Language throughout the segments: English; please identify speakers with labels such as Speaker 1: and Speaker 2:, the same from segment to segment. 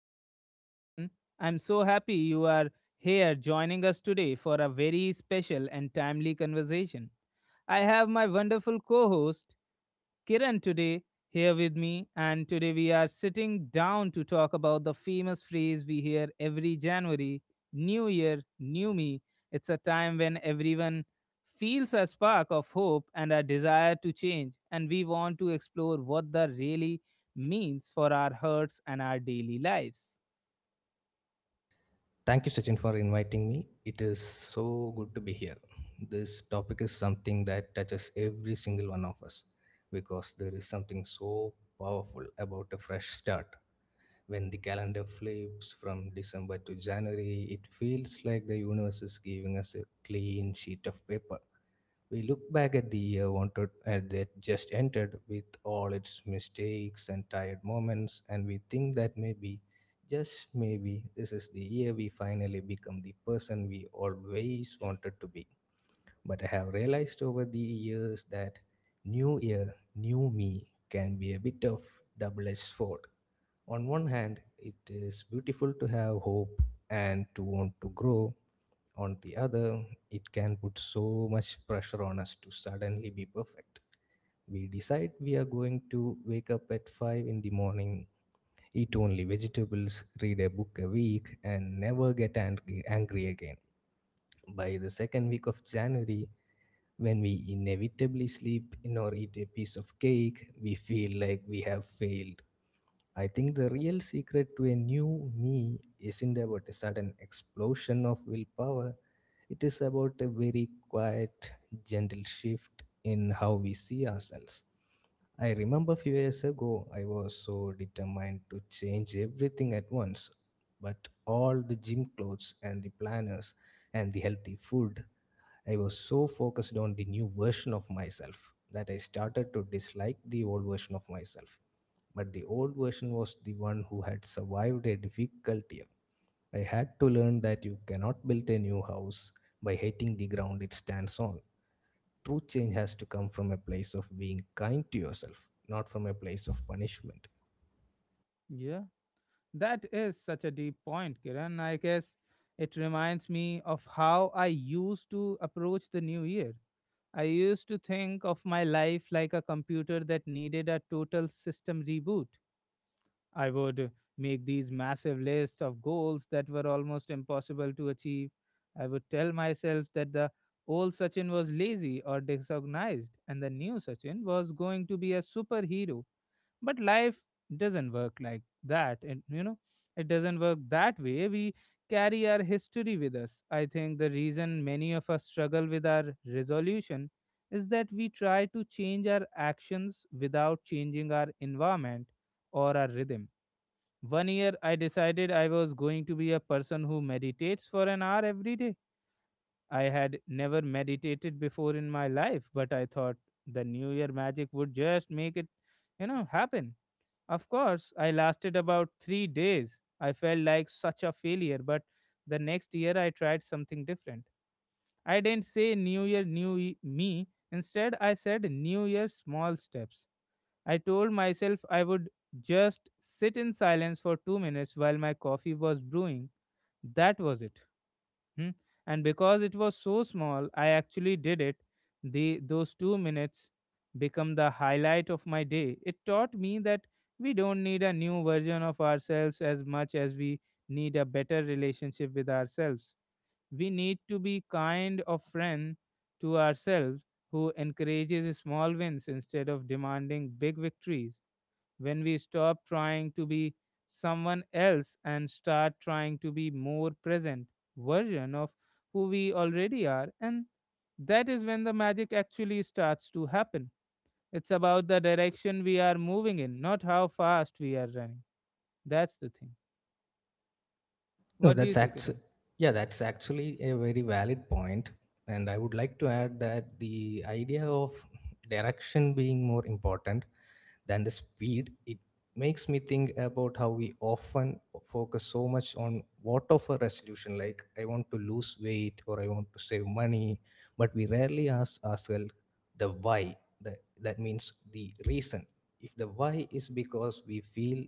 Speaker 1: the show, everyone. I'm so happy you are here joining us today for a very special and timely conversation. I have my wonderful co host, Kiran today here with me, and today we are sitting down to talk about the famous phrase we hear every January: New Year, New Me. It's a time when everyone feels a spark of hope and a desire to change, and we want to explore what that really means for our hearts and our daily lives.
Speaker 2: Thank you, Sachin, for inviting me. It is so good to be here. This topic is something that touches every single one of us because there is something so powerful about a fresh start. When the calendar flips from December to January, it feels like the universe is giving us a clean sheet of paper we look back at the year wanted and that just entered with all its mistakes and tired moments, and we think that maybe, just maybe, this is the year we finally become the person we always wanted to be. But I have realized over the years that new year, new me can be a bit of double-edged sword. On one hand, it is beautiful to have hope and to want to grow, on the other, it can put so much pressure on us to suddenly be perfect. We decide we are going to wake up at 5 in the morning, eat only vegetables, read a book a week, and never get angry, angry again. By the second week of January, when we inevitably sleep in or eat a piece of cake, we feel like we have failed. I think the real secret to a new me isn't about a sudden explosion of willpower. It is about a very quiet, gentle shift in how we see ourselves. I remember a few years ago, I was so determined to change everything at once, but all the gym clothes and the planners and the healthy food, I was so focused on the new version of myself that I started to dislike the old version of myself, but the old version was the one who had survived a difficult year. I had to learn that you cannot build a new house by hating the ground it stands on. True change has to come from a place of being kind to yourself, not from a place of punishment.
Speaker 1: Yeah, that is such a deep point, Kiran. I guess it reminds me of how I used to approach the new year. I used to think of my life like a computer that needed a total system reboot. I would make these massive lists of goals that were almost impossible to achieve. I would tell myself that the old Sachin was lazy or disorganized and the new Sachin was going to be a superhero, but life doesn't work like that, and it doesn't work that way. We carry our history with us. I think the reason many of us struggle with our resolution is that we try to change our actions without changing our environment or our rhythm. One year I decided I was going to be a person who meditates for an hour every day. I had never meditated before in my life, but I thought the new year magic would just make it, happen. Of course, I lasted about 3 days. I felt like such a failure, but the next year I tried something different. I didn't say New Year, Me. Instead, I said New Year, small steps. I told myself I would just sit in silence for 2 minutes while my coffee was brewing. That was it. Hmm? And because it was so small, I actually did it. The Those 2 minutes become the highlight of my day. It taught me that we don't need a new version of ourselves as much as we need a better relationship with ourselves. We need to be kind of friend to ourselves who encourages small wins instead of demanding big victories. When we stop trying to be someone else and start trying to be more present version of who we already are, and that is when the magic actually starts to happen. It's about the direction we are moving in, not how fast we are running. That's the thing.
Speaker 2: No,
Speaker 1: What do you
Speaker 2: that's
Speaker 1: say,
Speaker 2: actually
Speaker 1: Kiran?
Speaker 2: yeah, that's actually a very valid point, and I would like to add that the idea of direction being more important than the speed it makes me think about how we often focus so much on what of a resolution, like I want to lose weight or I want to save money, but we rarely ask ourselves the why, the, that means the reason. If the why is because we feel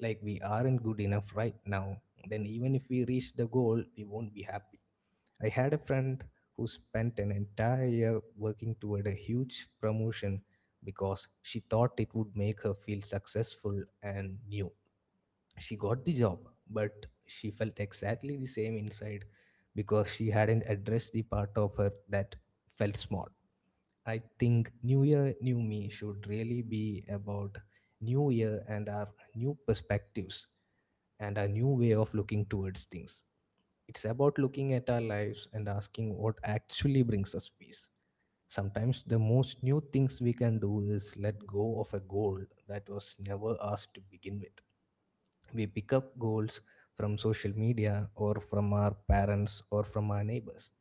Speaker 2: like we aren't good enough right now, then even if we reach the goal, we won't be happy. I had a friend who spent an entire year working toward a huge promotion because she thought it would make her feel successful and new. She got the job, but she felt exactly the same inside because she hadn't addressed the part of her that felt small. I think New Year, New Me should really be about New Year and our new perspectives and our new way of looking towards things. It's about looking at our lives and asking what actually brings us peace. Sometimes the most new things we can do is let go of a goal that was never asked to begin with. We pick up goals from social media or from our parents or from our neighbors.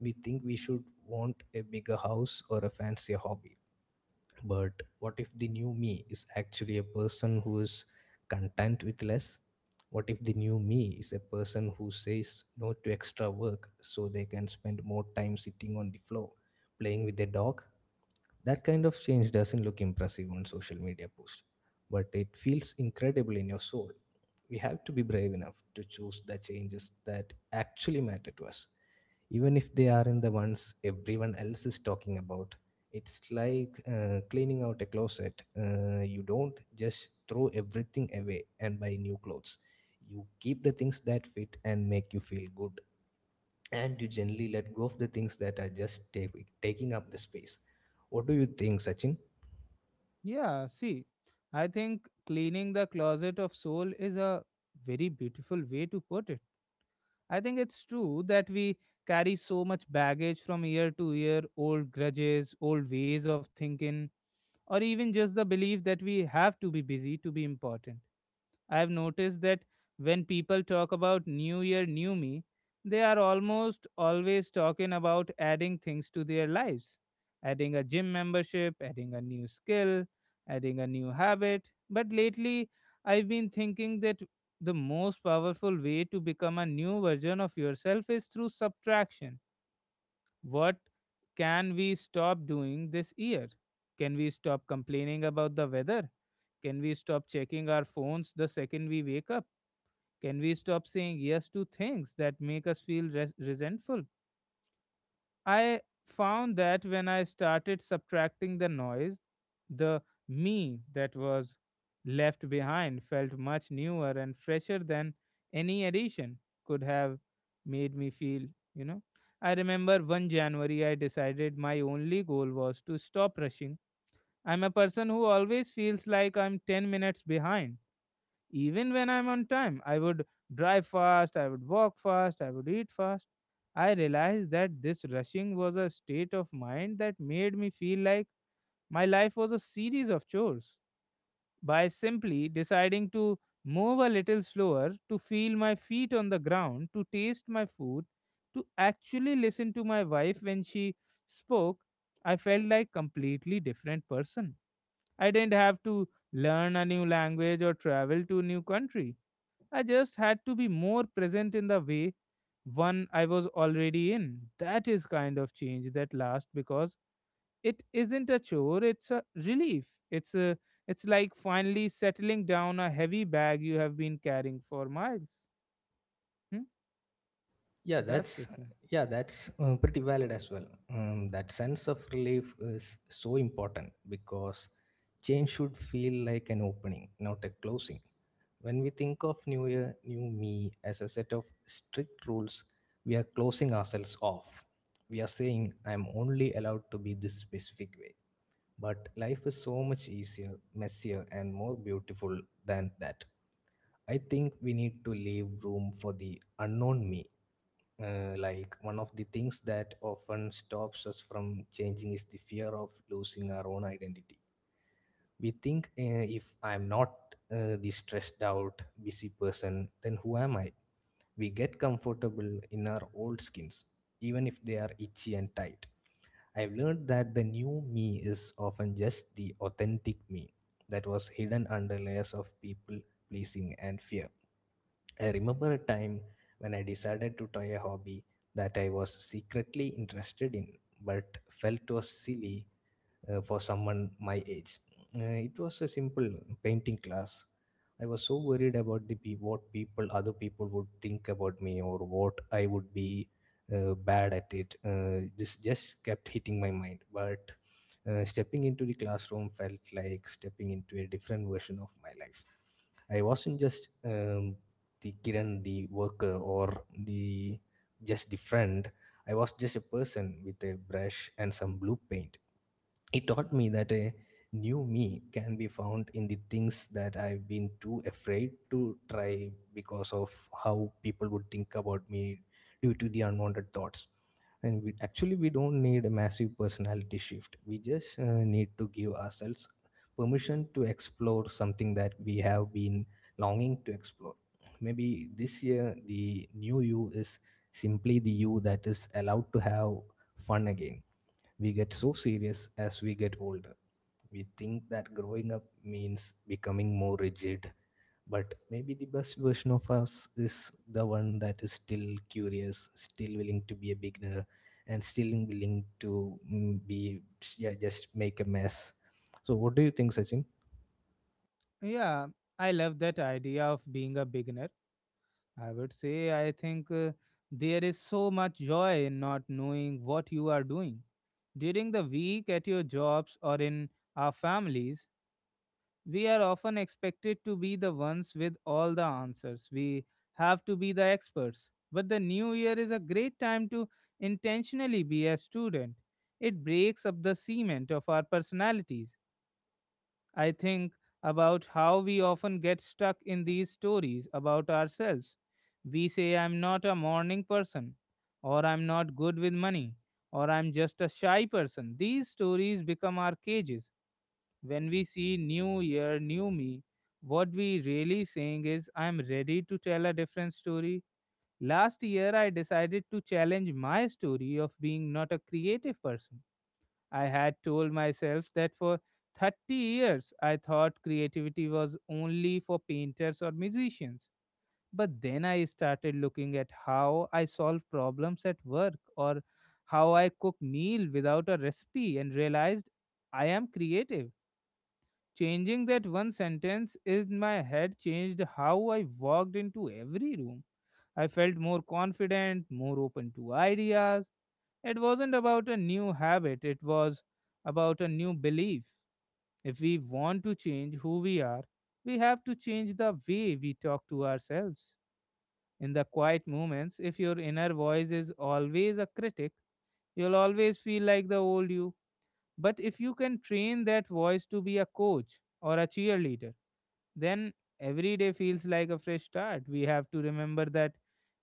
Speaker 2: We think we should want a bigger house or a fancier hobby. But what if the new me is actually a person who is content with less? What if the new me is a person who says no to extra work so they can spend more time sitting on the floor playing with their dog? That kind of change doesn't look impressive on social media post, but it feels incredible in your soul. We have to be brave enough to choose the changes that actually matter to us, even if they aren't the ones everyone else is talking about. It's like cleaning out a closet. You don't just throw everything away and buy new clothes. You keep the things that fit and make you feel good, and you generally let go of the things that are just taking up the space. What do you think, Sachin?
Speaker 1: Yeah, see, I think cleaning the closet of soul is a very beautiful way to put it. I think it's true that we carry so much baggage from year to year, old grudges, old ways of thinking, or even just the belief that we have to be busy to be important. I have noticed that when people talk about New Year, New Me, they are almost always talking about adding things to their lives, adding a gym membership, adding a new skill, adding a new habit. But lately, I've been thinking that the most powerful way to become a new version of yourself is through subtraction. What can we stop doing this year? Can we stop complaining about the weather? Can we stop checking our phones the second we wake up? Can we stop saying yes to things that make us feel resentful? I found that when I started subtracting the noise, the me that was left behind felt much newer and fresher than any addition could have made me feel, you know. I remember 1 January, I decided my only goal was to stop rushing. I'm a person who always feels like I'm 10 minutes behind. Even when I'm on time, I would drive fast, I would walk fast, I would eat fast. I realized that this rushing was a state of mind that made me feel like my life was a series of chores. By simply deciding to move a little slower, to feel my feet on the ground, to taste my food, to actually listen to my wife when she spoke, I felt like completely different person. I didn't have to learn a new language or travel to a new country. I just had to be more present in the way one I was already in. That is kind of change that lasts because it isn't a chore, it's a relief. It's a, it's like finally settling down a heavy bag you have been carrying for miles. Hmm?
Speaker 2: yeah
Speaker 1: That's the
Speaker 2: that's
Speaker 1: thing.
Speaker 2: yeah that's Pretty valid as well. That sense of relief is so important because change should feel like an opening, not a closing. When we think of new year, new me as a set of strict rules, we are closing ourselves off. We are saying I am only allowed to be this specific way. But life is so much easier, messier, and more beautiful than that. I think we need to leave room for the unknown me. Like one of the things that often stops us from changing is the fear of losing our own identity. We think, if I'm not the stressed out, busy person, then who am I? We get comfortable in our old skins, even if they are itchy and tight. I've learned that the new me is often just the authentic me that was hidden under layers of people pleasing and fear. I remember a time when I decided to try a hobby that I was secretly interested in but felt was silly, for someone my age. It was a simple painting class. I was so worried about the what people, other people would think about me or what I would be bad at it. This just kept hitting my mind. But stepping into the classroom felt like stepping into a different version of my life. I wasn't just the Kiran, the worker, or the just the friend. I was just a person with a brush and some blue paint. It taught me that a new me can be found in the things that I've been too afraid to try because of how people would think about me due to the unwanted thoughts. And we, actually, we don't need a massive personality shift. We just need to give ourselves permission to explore something that we have been longing to explore. Maybe this year, the new you is simply the you that is allowed to have fun again. We get so serious as we get older. We think that growing up means becoming more rigid, but maybe the best version of us is the one that is still curious, still willing to be a beginner, and still willing to be yeah, just make a mess. So, what do you think, Sachin?
Speaker 1: Yeah, I love that idea of being a beginner. I would say I think there is so much joy in not knowing what you are doing. During the week at your jobs or in our families, we are often expected to be the ones with all the answers. We have to be the experts. But the new year is a great time to intentionally be a student. It breaks up the cement of our personalities. I think about how we often get stuck in these stories about ourselves. We say, I'm not a morning person, or I'm not good with money, or I'm just a shy person. These stories become our cages. When we see new year, new me, what we really saying is I'm ready to tell a different story. Last year I decided to challenge my story of being not a creative person. I had told myself that for 30 years I thought creativity was only for painters or musicians. But then I started looking at how I solve problems at work or how I cook meal without a recipe and realized I am creative. Changing that one sentence in my head changed how I walked into every room. I felt more confident, more open to ideas. It wasn't about a new habit, it was about a new belief. If we want to change who we are, we have to change the way we talk to ourselves. In the quiet moments, if your inner voice is always a critic, you'll always feel like the old you. But if you can train that voice to be a coach or a cheerleader, then every day feels like a fresh start. We have to remember that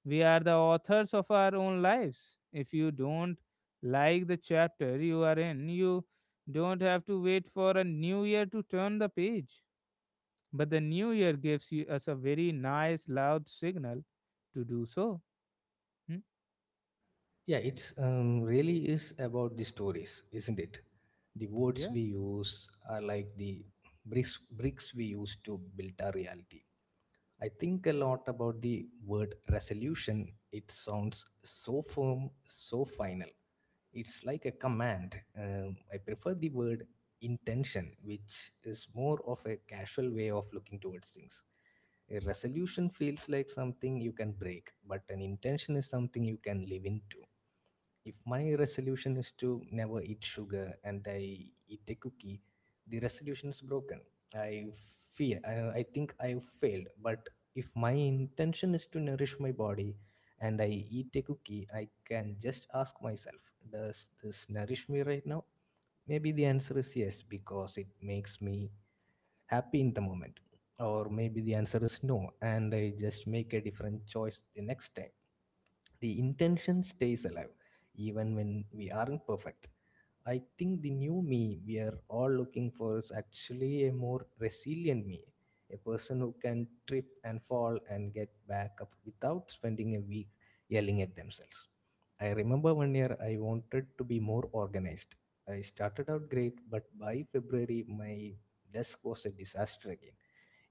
Speaker 1: we are the authors of our own lives. If you don't like the chapter you are in, you don't have to wait for a new year to turn the page. But the new year gives you, us a very nice, loud signal to do so. Hmm?
Speaker 2: Yeah, it's really is about the stories, isn't it? The words
Speaker 1: Yeah,
Speaker 2: we use are like the bricks we use to build our reality. I think a lot about the word resolution. It sounds so firm, so final. It's like a command. I prefer the word intention, which is more of a casual way of looking towards things. A resolution feels like something you can break, but an intention is something you can live into. If my resolution is to never eat sugar and I eat a cookie, the resolution is broken. I I think I have failed. But if my intention is to nourish my body and I eat a cookie, I can just ask myself, does this nourish me right now? Maybe the answer is yes, because it makes me happy in the moment. Or maybe the answer is no, and I just make a different choice the next time. The intention stays alive even when we aren't perfect. I think the new me we are all looking for is actually a more resilient me, a person who can trip and fall and get back up without spending a week yelling at themselves. I remember one year I wanted to be more organized. I started out great, but by February my desk was a disaster again.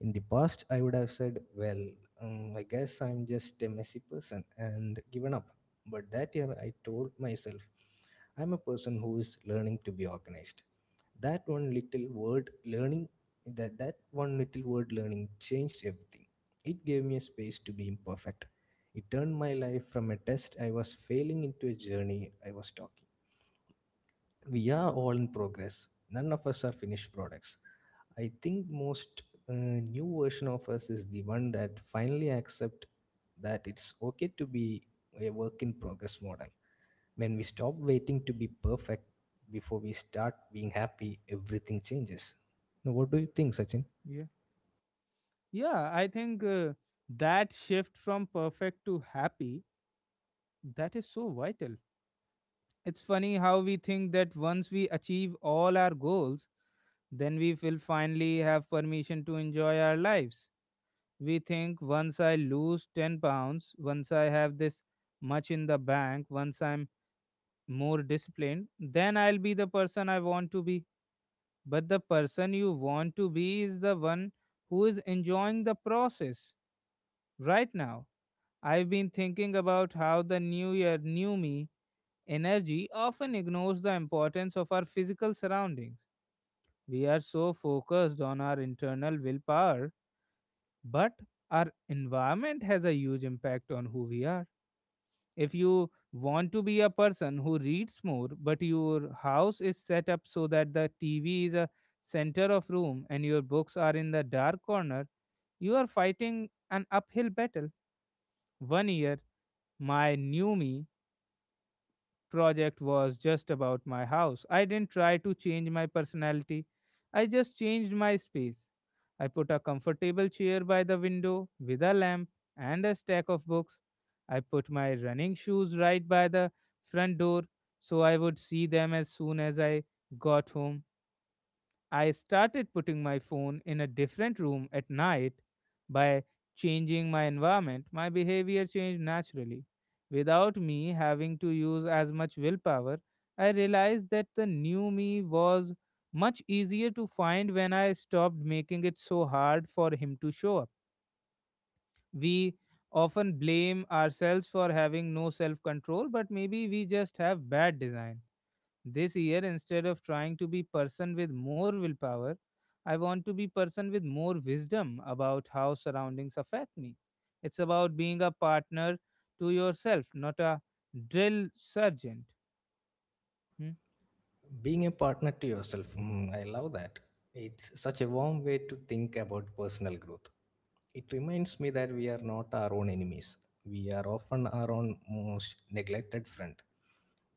Speaker 2: In the past I would have said, well, I guess I'm just a messy person, and given up. But that year I told myself, I'm a person who is learning to be organized. That one little word learning that that one little word, learning, changed everything. It gave me a space to be imperfect. It turned my life from a test I was failing into a journey I was talking. We are all in progress, none of us are finished products. I think most new version of us is the one that finally accept that it's okay to be a work in progress model. When we stop waiting to be perfect before we start being happy, everything changes. Now, what do you think, Sachin?
Speaker 1: yeah. Yeah, I think that shift from perfect to happy, that is so vital. It's funny how we think that once we achieve all our goals, then we will finally have permission to enjoy our lives. We think once I lose 10 pounds, once I have this much in the bank, once I'm more disciplined, then I'll be the person I want to be. But the person you want to be is the one who is enjoying the process right now. I've been thinking about how the new year, new me, energy often ignores the importance of our physical surroundings. We are so focused on our internal willpower, but our environment has a huge impact on who we are. If you want to be a person who reads more, but your house is set up so that the TV is a center of room and your books are in the dark corner, you are fighting an uphill battle. One year, my new me project was just about my house. I didn't try to change my personality, I just changed my space. I put a comfortable chair by the window with a lamp and a stack of books. I put my running shoes right by the front door so I would see them as soon as I got home. I started putting my phone in a different room at night. By changing my environment, my behavior changed naturally. Without me having to use as much willpower, I realized that the new me was much easier to find when I stopped making it so hard for him to show up. We often blame ourselves for having no self control, but maybe we just have bad design. This year, instead of trying to be person with more willpower, I want to be person with more wisdom about how surroundings affect me. It's about being a partner to yourself, not a drill sergeant. Hmm?
Speaker 2: Being a partner to yourself, I love that. It's such a warm way to think about personal growth. It reminds me that we are not our own enemies. We are often our own most neglected friend.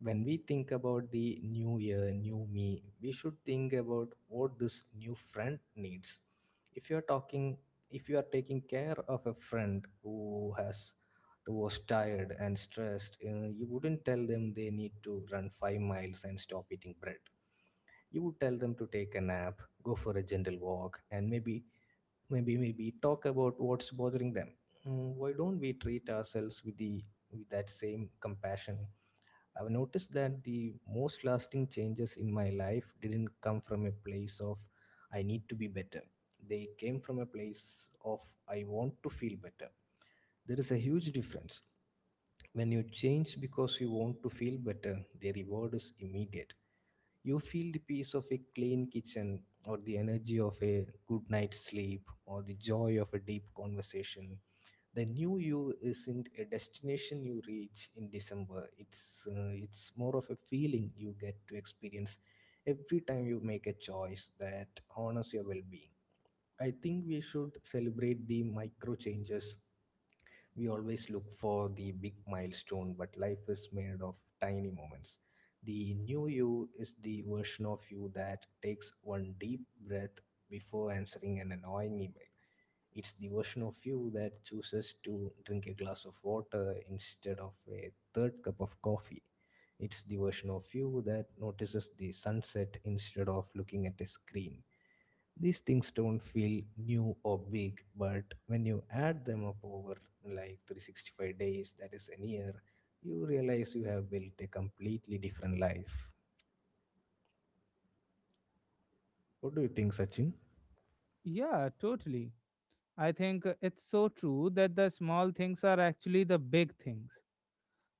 Speaker 2: When we think about the new year, new me, we should think about what this new friend needs. If you are talking, if you are taking care of a friend who was tired and stressed, you wouldn't tell them they need to run 5 miles and stop eating bread. You would tell them to take a nap, go for a gentle walk, and maybe talk about what's bothering them. Why don't we treat ourselves with the with that same compassion? I've noticed that the most lasting changes in my life didn't come from a place of I need to be better. They came from a place of I want to feel better. There is a huge difference. When you change because you want to feel better, the reward is immediate. You feel the peace of a clean kitchen, or the energy of a good night's sleep, or the joy of a deep conversation. The new you isn't a destination you reach in December. It's more of a feeling you get to experience every time you make a choice that honors your well-being. I think we should celebrate the micro changes. We always look for the big milestone, but life is made of tiny moments. The new you is the version of you that takes one deep breath before answering an annoying email. It's the version of you that chooses to drink a glass of water instead of a third cup of coffee. It's the version of you that notices the sunset instead of looking at a screen. These things don't feel new or big, but when you add them up over like 365 days, that is a year, you realize you have built a completely different life. What do you think, Sachin?
Speaker 1: Yeah, totally. I think it's so true that the small things are actually the big things.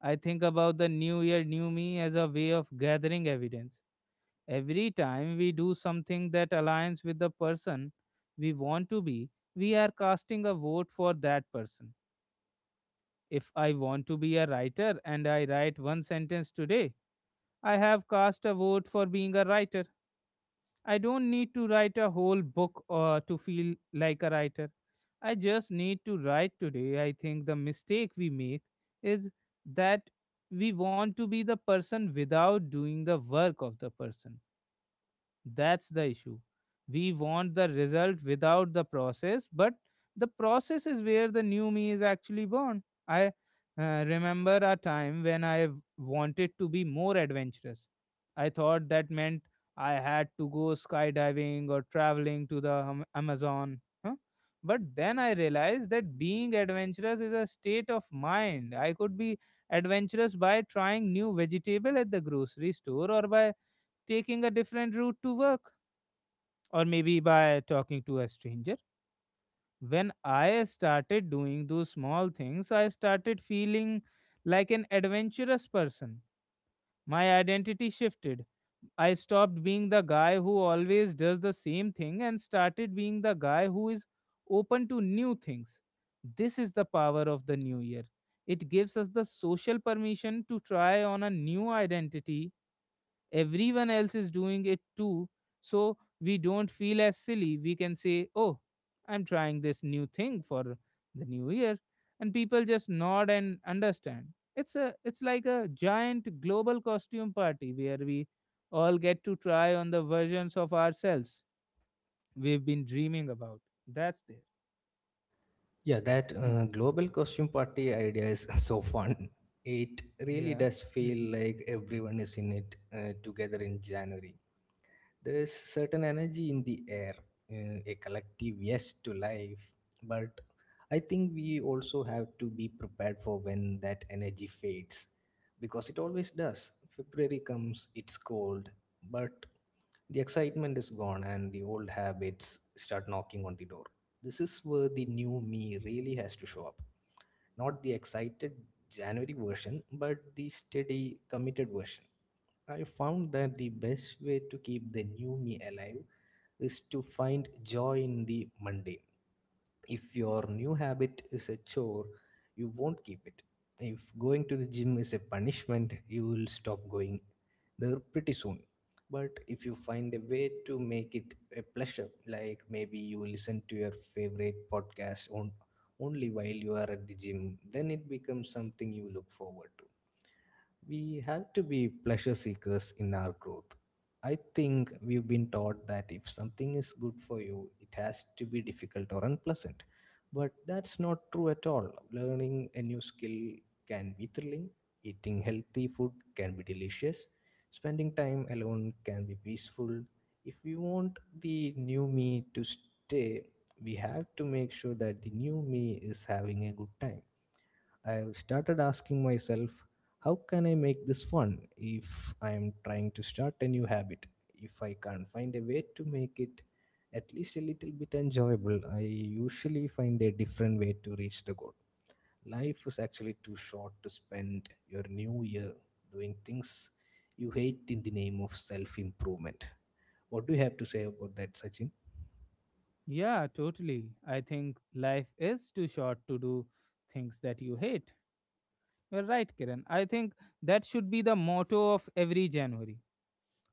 Speaker 1: I think about the new year, new me as a way of gathering evidence. Every time we do something that aligns with the person we want to be, we are casting a vote for that person. If I want to be a writer and I write one sentence today, I have cast a vote for being a writer. I don't need to write a whole book or to feel like a writer. I just need to write today. I think the mistake we make is that we want to be the person without doing the work of the person. That's the issue. We want the result without the process, but the process is where the new me is actually born. I remember a time when I wanted to be more adventurous. I thought that meant I had to go skydiving or traveling to the Amazon. Huh? But then I realized that being adventurous is a state of mind. I could be adventurous by trying new vegetable at the grocery store, or by taking a different route to work, or maybe by talking to a stranger. When I started doing those small things, I started feeling like an adventurous person. My identity shifted. I stopped being the guy who always does the same thing and started being the guy who is open to new things. This is the power of the new year. It gives us the social permission to try on a new identity. Everyone else is doing it too, so we don't feel as silly. We can say, oh, I'm trying this new thing for the new year, and people just nod and understand. It's like a giant global costume party where we all get to try on the versions of ourselves we've been dreaming about. That's there.
Speaker 2: Yeah, that
Speaker 1: Hmm.
Speaker 2: global costume party idea is so fun. It really
Speaker 1: Yeah.
Speaker 2: does
Speaker 1: Hmm.
Speaker 2: feel like everyone is in it together in January. There is certain energy in the air, a collective yes to life. But I think we also have to be prepared for when that energy fades, because it always does. February comes, it's cold, but the excitement is gone and the old habits start knocking on the door. This is where the new me really has to show up, not the excited January version, but the steady, committed version. I found that the best way to keep the new me alive is to find joy in the mundane. If your new habit is a chore, you won't keep it. If going to the gym is a punishment, you will stop going there pretty soon. But if you find a way to make it a pleasure, like maybe you listen to your favorite podcast on, only while you are at the gym, then it becomes something you look forward to. We have to be pleasure seekers in our growth. I think we've been taught that if something is good for you, it has to be difficult or unpleasant. But that's not true at all. Learning a new skill can be thrilling, eating healthy food can be delicious, spending time alone can be peaceful. If we want the new me to stay, we have to make sure that the new me is having a good time. I've started asking myself, how can I make this fun if I'm trying to start a new habit? If I can't find a way to make it at least a little bit enjoyable, I usually find a different way to reach the goal. Life is actually too short to spend your new year doing things you hate in the name of self improvement. What do you have to say about that, Sachin?
Speaker 1: Yeah, totally, I think life is too short to do things that you hate. You're right, Kiran. I think that should be the motto of every January.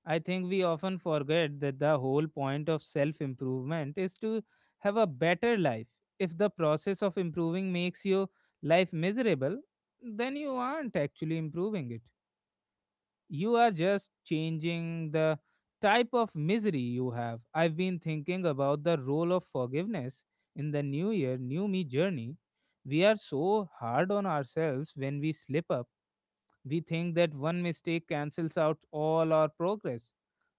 Speaker 1: I think we often forget that the whole point of self improvement is to have a better life. If the process of improving makes your life miserable, then you aren't actually improving it. You are just changing the type of misery you have. I've been thinking about the role of forgiveness in the new year, new me journey. We are so hard on ourselves when we slip up. We think that one mistake cancels out all our progress.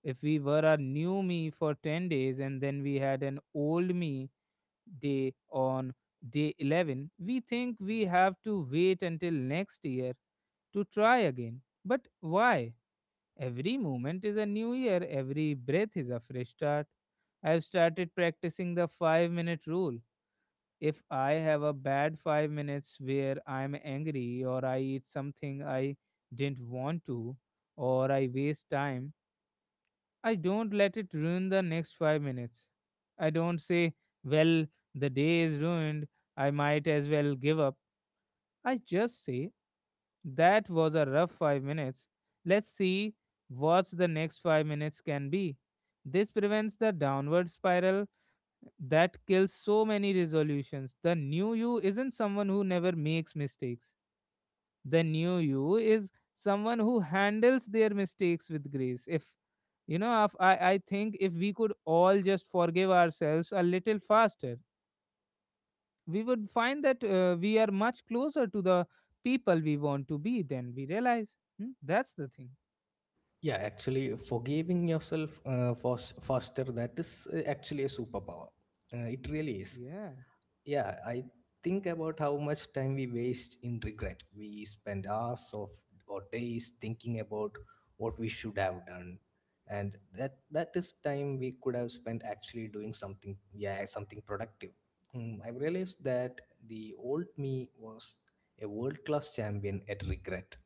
Speaker 1: If we were a new me for 10 days and then we had an old me day on day 11, we think we have to wait until next year to try again. But why? Every moment is a new year, every breath is a fresh start. I've started practicing the 5-minute rule. If I have a bad 5 minutes where I'm angry or I eat something I didn't want to or I waste time, I don't let it ruin the next 5 minutes. I don't say, well, the day is ruined, I might as well give up. I just say, that was a rough 5 minutes. Let's see what the next 5 minutes can be. This prevents the downward spiral that kills so many resolutions. The new you isn't someone who never makes mistakes. The new you is someone who handles their mistakes with grace. If you know, if I, I think if we could all just forgive ourselves a little faster, we would find that we are much closer to the people we want to be than we realize. Hmm? That's the thing.
Speaker 2: Yeah, actually, forgiving yourself faster, that is actually a superpower. It really is.
Speaker 1: Yeah,
Speaker 2: Yeah, I think about how much time we waste in regret. We spend hours of or days thinking about what we should have done. And that is time we could have spent actually doing something, yeah, something productive. Hmm, I realized that the old me was a world-class champion at regret.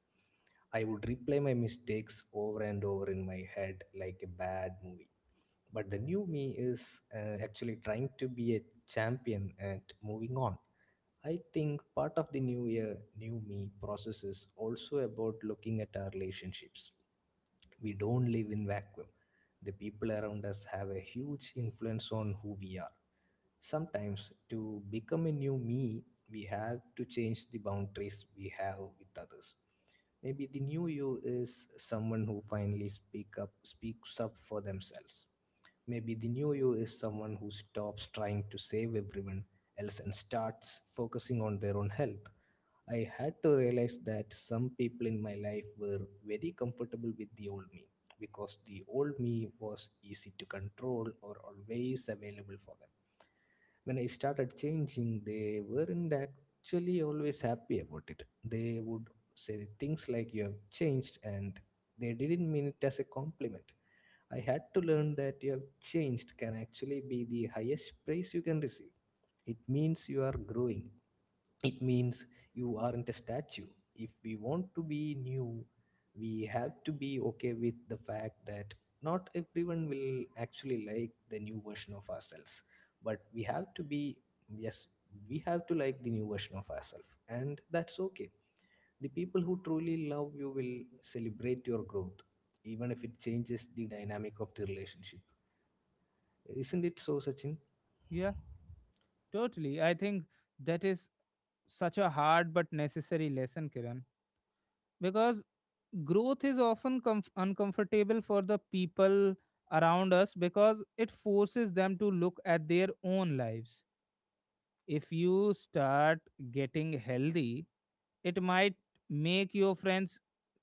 Speaker 2: I would replay my mistakes over and over in my head like a bad movie, but the new me is actually trying to be a champion at moving on. I think part of the new year, new me process is also about looking at our relationships. We don't live in vacuum. The people around us have a huge influence on who we are. Sometimes to become a new me, we have to change the boundaries we have with others. Maybe the new you is someone who finally speak up speaks up for themselves. Maybe the new you is someone who stops trying to save everyone else and starts focusing on their own health. I had to realize that some people in my life were very comfortable with the old me, because the old me was easy to control or always available for them. When I started changing, they weren't actually always happy about it. They would say things like, "You have changed," and they didn't mean it as a compliment. I had to learn that you have changed can actually be the highest praise you can receive. It means you are growing. It means you aren't a statue. If we want to be new, we have to be okay with the fact that not everyone will actually like the new version of ourselves. But we have to be, yes, we have to like the new version of ourselves. And that's okay. The people who truly love you will celebrate your growth, even if it changes the dynamic of the relationship. Isn't it so, Sachin?
Speaker 1: yeah, totally. I think that is such a hard but necessary lesson, Kiran. Because growth is often uncomfortable for the people around us because it forces them to look at their own lives. If you start getting healthy, it might make your friends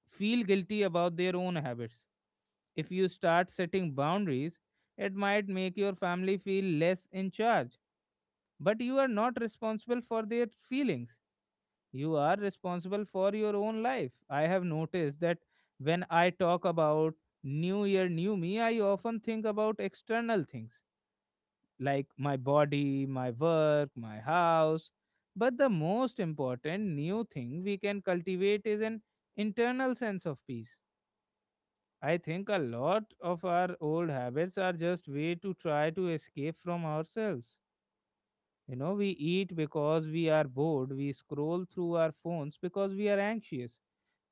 Speaker 1: feel guilty about their own habits. If you start setting boundaries, it might make your family feel less in charge, but you are not responsible for their feelings. You are responsible for your own life. I have noticed that when I talk about New Year, New Me, I often think about external things like my body, my work, my house. But the most important new thing we can cultivate is an internal sense of peace. I think a lot of our old habits are just way to try to escape from ourselves. You know, we eat because we are bored, we scroll through our phones because we are anxious,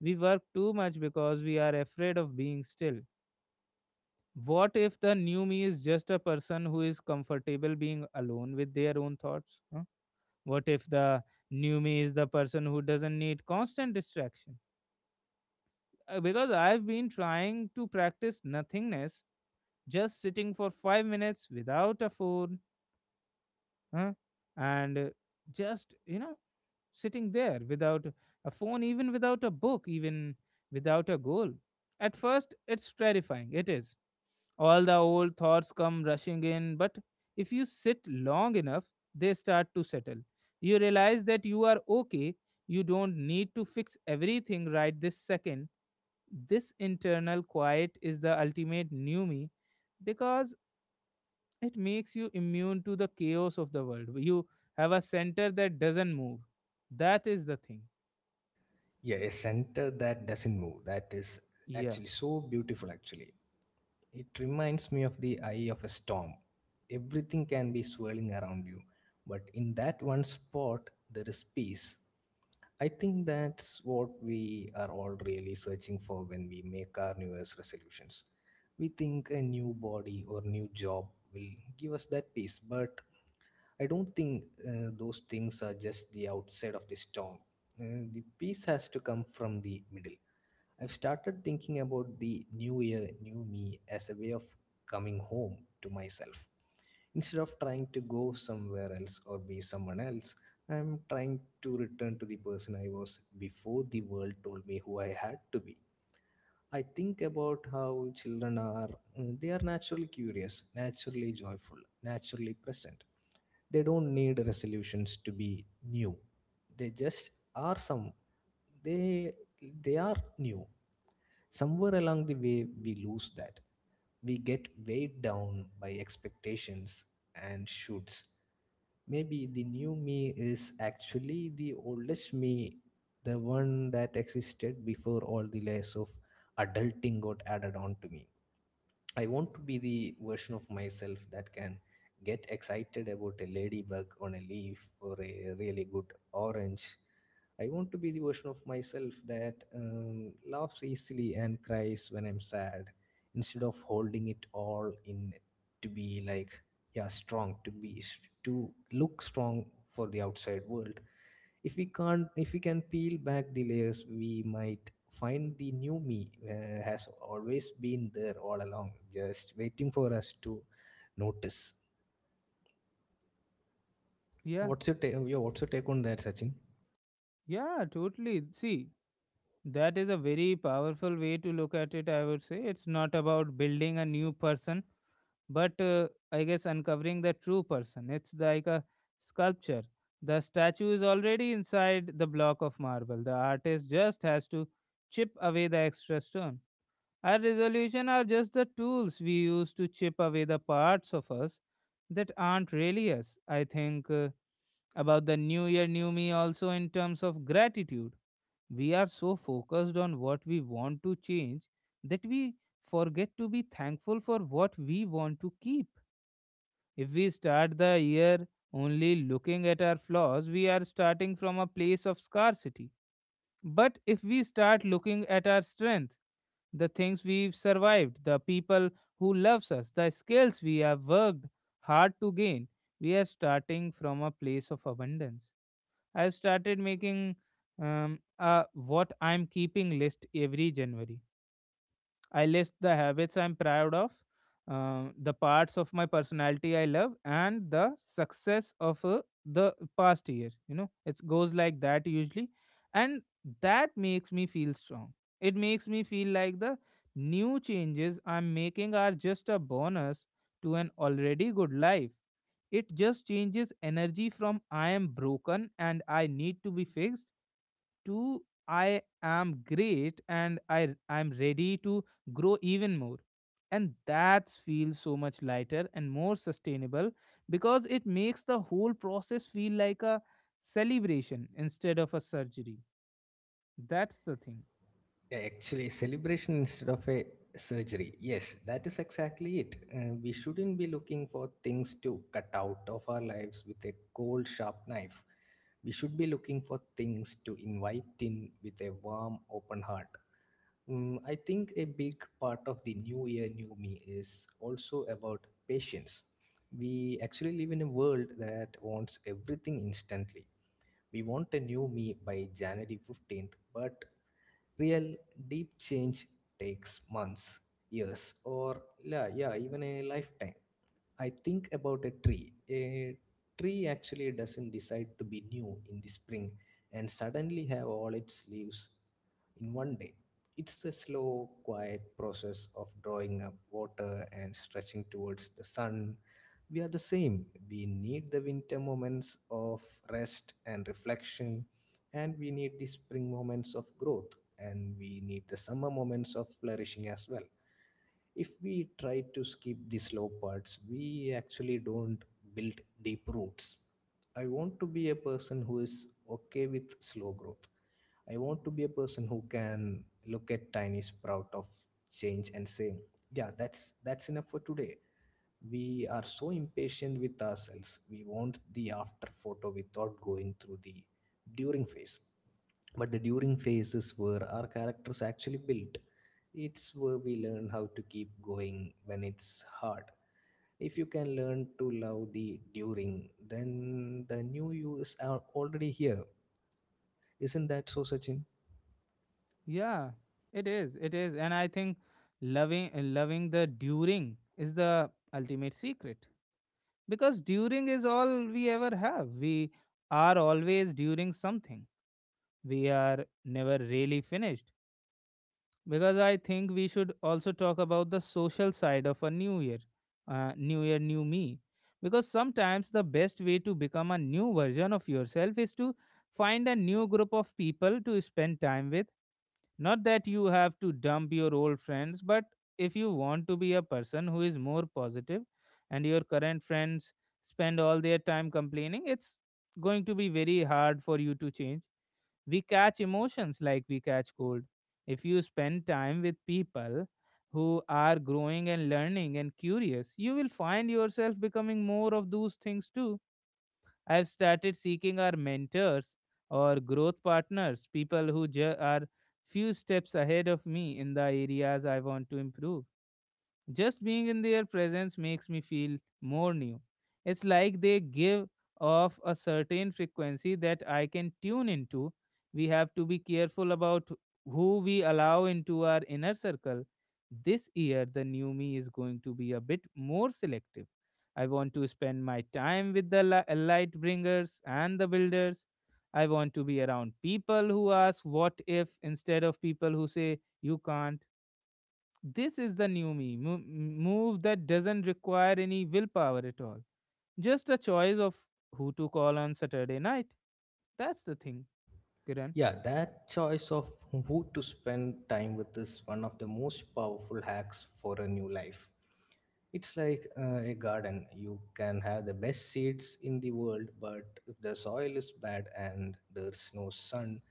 Speaker 1: we work too much because we are afraid of being still. What if the new me is just a person who is comfortable being alone with their own thoughts? Huh? What if the new me is the person who doesn't need constant distraction? Because I've been trying to practice nothingness, just sitting for 5 minutes without a phone. Huh? And just sitting there without a phone, even without a book, even without a goal. At first, it's terrifying. It is. All the old thoughts come rushing in, but if you sit long enough, they start to settle. You realize that you are okay. You don't need to fix everything right this second. This internal quiet is the ultimate new me because it makes you immune to the chaos of the world. You have a center that doesn't move. That is the thing.
Speaker 2: Yeah, a center that doesn't move. That is
Speaker 1: Yeah,
Speaker 2: actually so beautiful, actually. It reminds me of the eye of a storm. Everything can be swirling around you, but in that one spot, there is peace. I think that's what we are all really searching for when we make our New Year's resolutions. We think a new body or new job will give us that peace, but I don't think those things are just the outside of the storm. The peace has to come from the middle. I've started thinking about the new year, new me as a way of coming home to myself. Instead of trying to go somewhere else or be someone else, I'm trying to return to the person I was before the world told me who I had to be. I think about how children are, they are naturally curious, naturally joyful, naturally present. They don't need resolutions to be new. They just are some they they are new. Somewhere along the way we lose that. We get weighed down by expectations and shoots. Maybe the new me is actually the oldest me, the one that existed before all the layers of adulting got added on to me. I want to be the version of myself that can get excited about a ladybug on a leaf or a really good orange. I want to be the version of myself that laughs easily and cries when I'm sad, instead of holding it all in to be like, yeah, strong, to be, to look strong for the outside world. If we can peel back the layers, we might find the new me has always been there all along, just waiting for us to notice.
Speaker 1: yeah,
Speaker 2: What's your take? Yeah, what's your take on that, Sachin?
Speaker 1: yeah, totally. See, that is a very powerful way to look at it, I would say. It's not about building a new person, but I guess uncovering the true person. It's like a sculpture. The statue is already inside the block of marble. The artist just has to chip away the extra stone. Our resolution are just the tools we use to chip away the parts of us that aren't really us. I think. About the new year, new me also in terms of gratitude. We are so focused on what we want to change that we forget to be thankful for what we want to keep. If we start the year only looking at our flaws, we are starting from a place of scarcity. But if we start looking at our strength, the things we've survived, the people who loves us, the skills we have worked hard to gain, we are starting from a place of abundance. I started making a what I'm keeping list every January. I list the habits I'm proud of, the parts of my personality I love, and the success of the past year. You know, it goes like that usually. And that makes me feel strong. It makes me feel like the new changes I'm making are just a bonus to an already good life. It just changes energy from I am broken and I need to be fixed to I am great and I'm ready to grow even more. And that feels so much lighter and more sustainable because it makes the whole process feel like a celebration instead of a surgery. That's the thing.
Speaker 2: Yeah, actually, celebration instead of a surgery. Yes, that is exactly it. We shouldn't be looking for things to cut out of our lives with a cold, sharp knife. We should be looking for things to invite in with a warm, open heart. I think a big part of the new year, new me is also about patience. We actually live in a world that wants everything instantly. We want a new me by January 15th, but real deep change takes months, years, or yeah, yeah, even a lifetime. I think about a tree. A tree actually doesn't decide to be new in the spring and suddenly have all its leaves in one day. It's a slow, quiet process of drawing up water and stretching towards the sun. We are the same. We need the winter moments of rest and reflection, and we need the spring moments of growth, and we need the summer moments of flourishing as well. If we try to skip the slow parts, we actually don't build deep roots. I want to be a person who is okay with slow growth. I want to be a person who can look at tiny sprout of change and say, yeah, that's enough for today. We are so impatient with ourselves. We want the after photo without going through the during phase. But the during phase is where our characters actually built. It's where we learn how to keep going when it's hard. If you can learn to love the during, then the new you is already here. Isn't that so, Sachin?
Speaker 1: Yeah, it is. It is. And I think loving the during is the ultimate secret. Because during is all we ever have. We are always during something. We are never really finished. Because I think we should also talk about the social side of a new year, new year new me, because sometimes the best way to become a new version of yourself is to find a new group of people to spend time with. Not that you have to dump your old friends, but if you want to be a person who is more positive and your current friends spend all their time complaining, it's going to be very hard for you to change. We catch emotions like we catch cold. If you spend time with people who are growing and learning and curious, you will find yourself becoming more of those things too. I've started seeking our mentors or growth partners, people who are few steps ahead of me in the areas I want to improve. Just being in their presence makes me feel more new. It's like they give off a certain frequency that I can tune into. We have to be careful about who we allow into our inner circle. This year, the new me is going to be a bit more selective. I want to spend my time with the light bringers and the builders. I want to be around people who ask what if instead of people who say you can't. This is the new me move that doesn't require any willpower at all. Just a choice of who to call on Saturday night. That's the thing, Kiran.
Speaker 2: Yeah, that choice of who to spend time with is one of the most powerful hacks for a new life. It's like a garden. You can have the best seeds in the world, but if the soil is bad and there's no sun,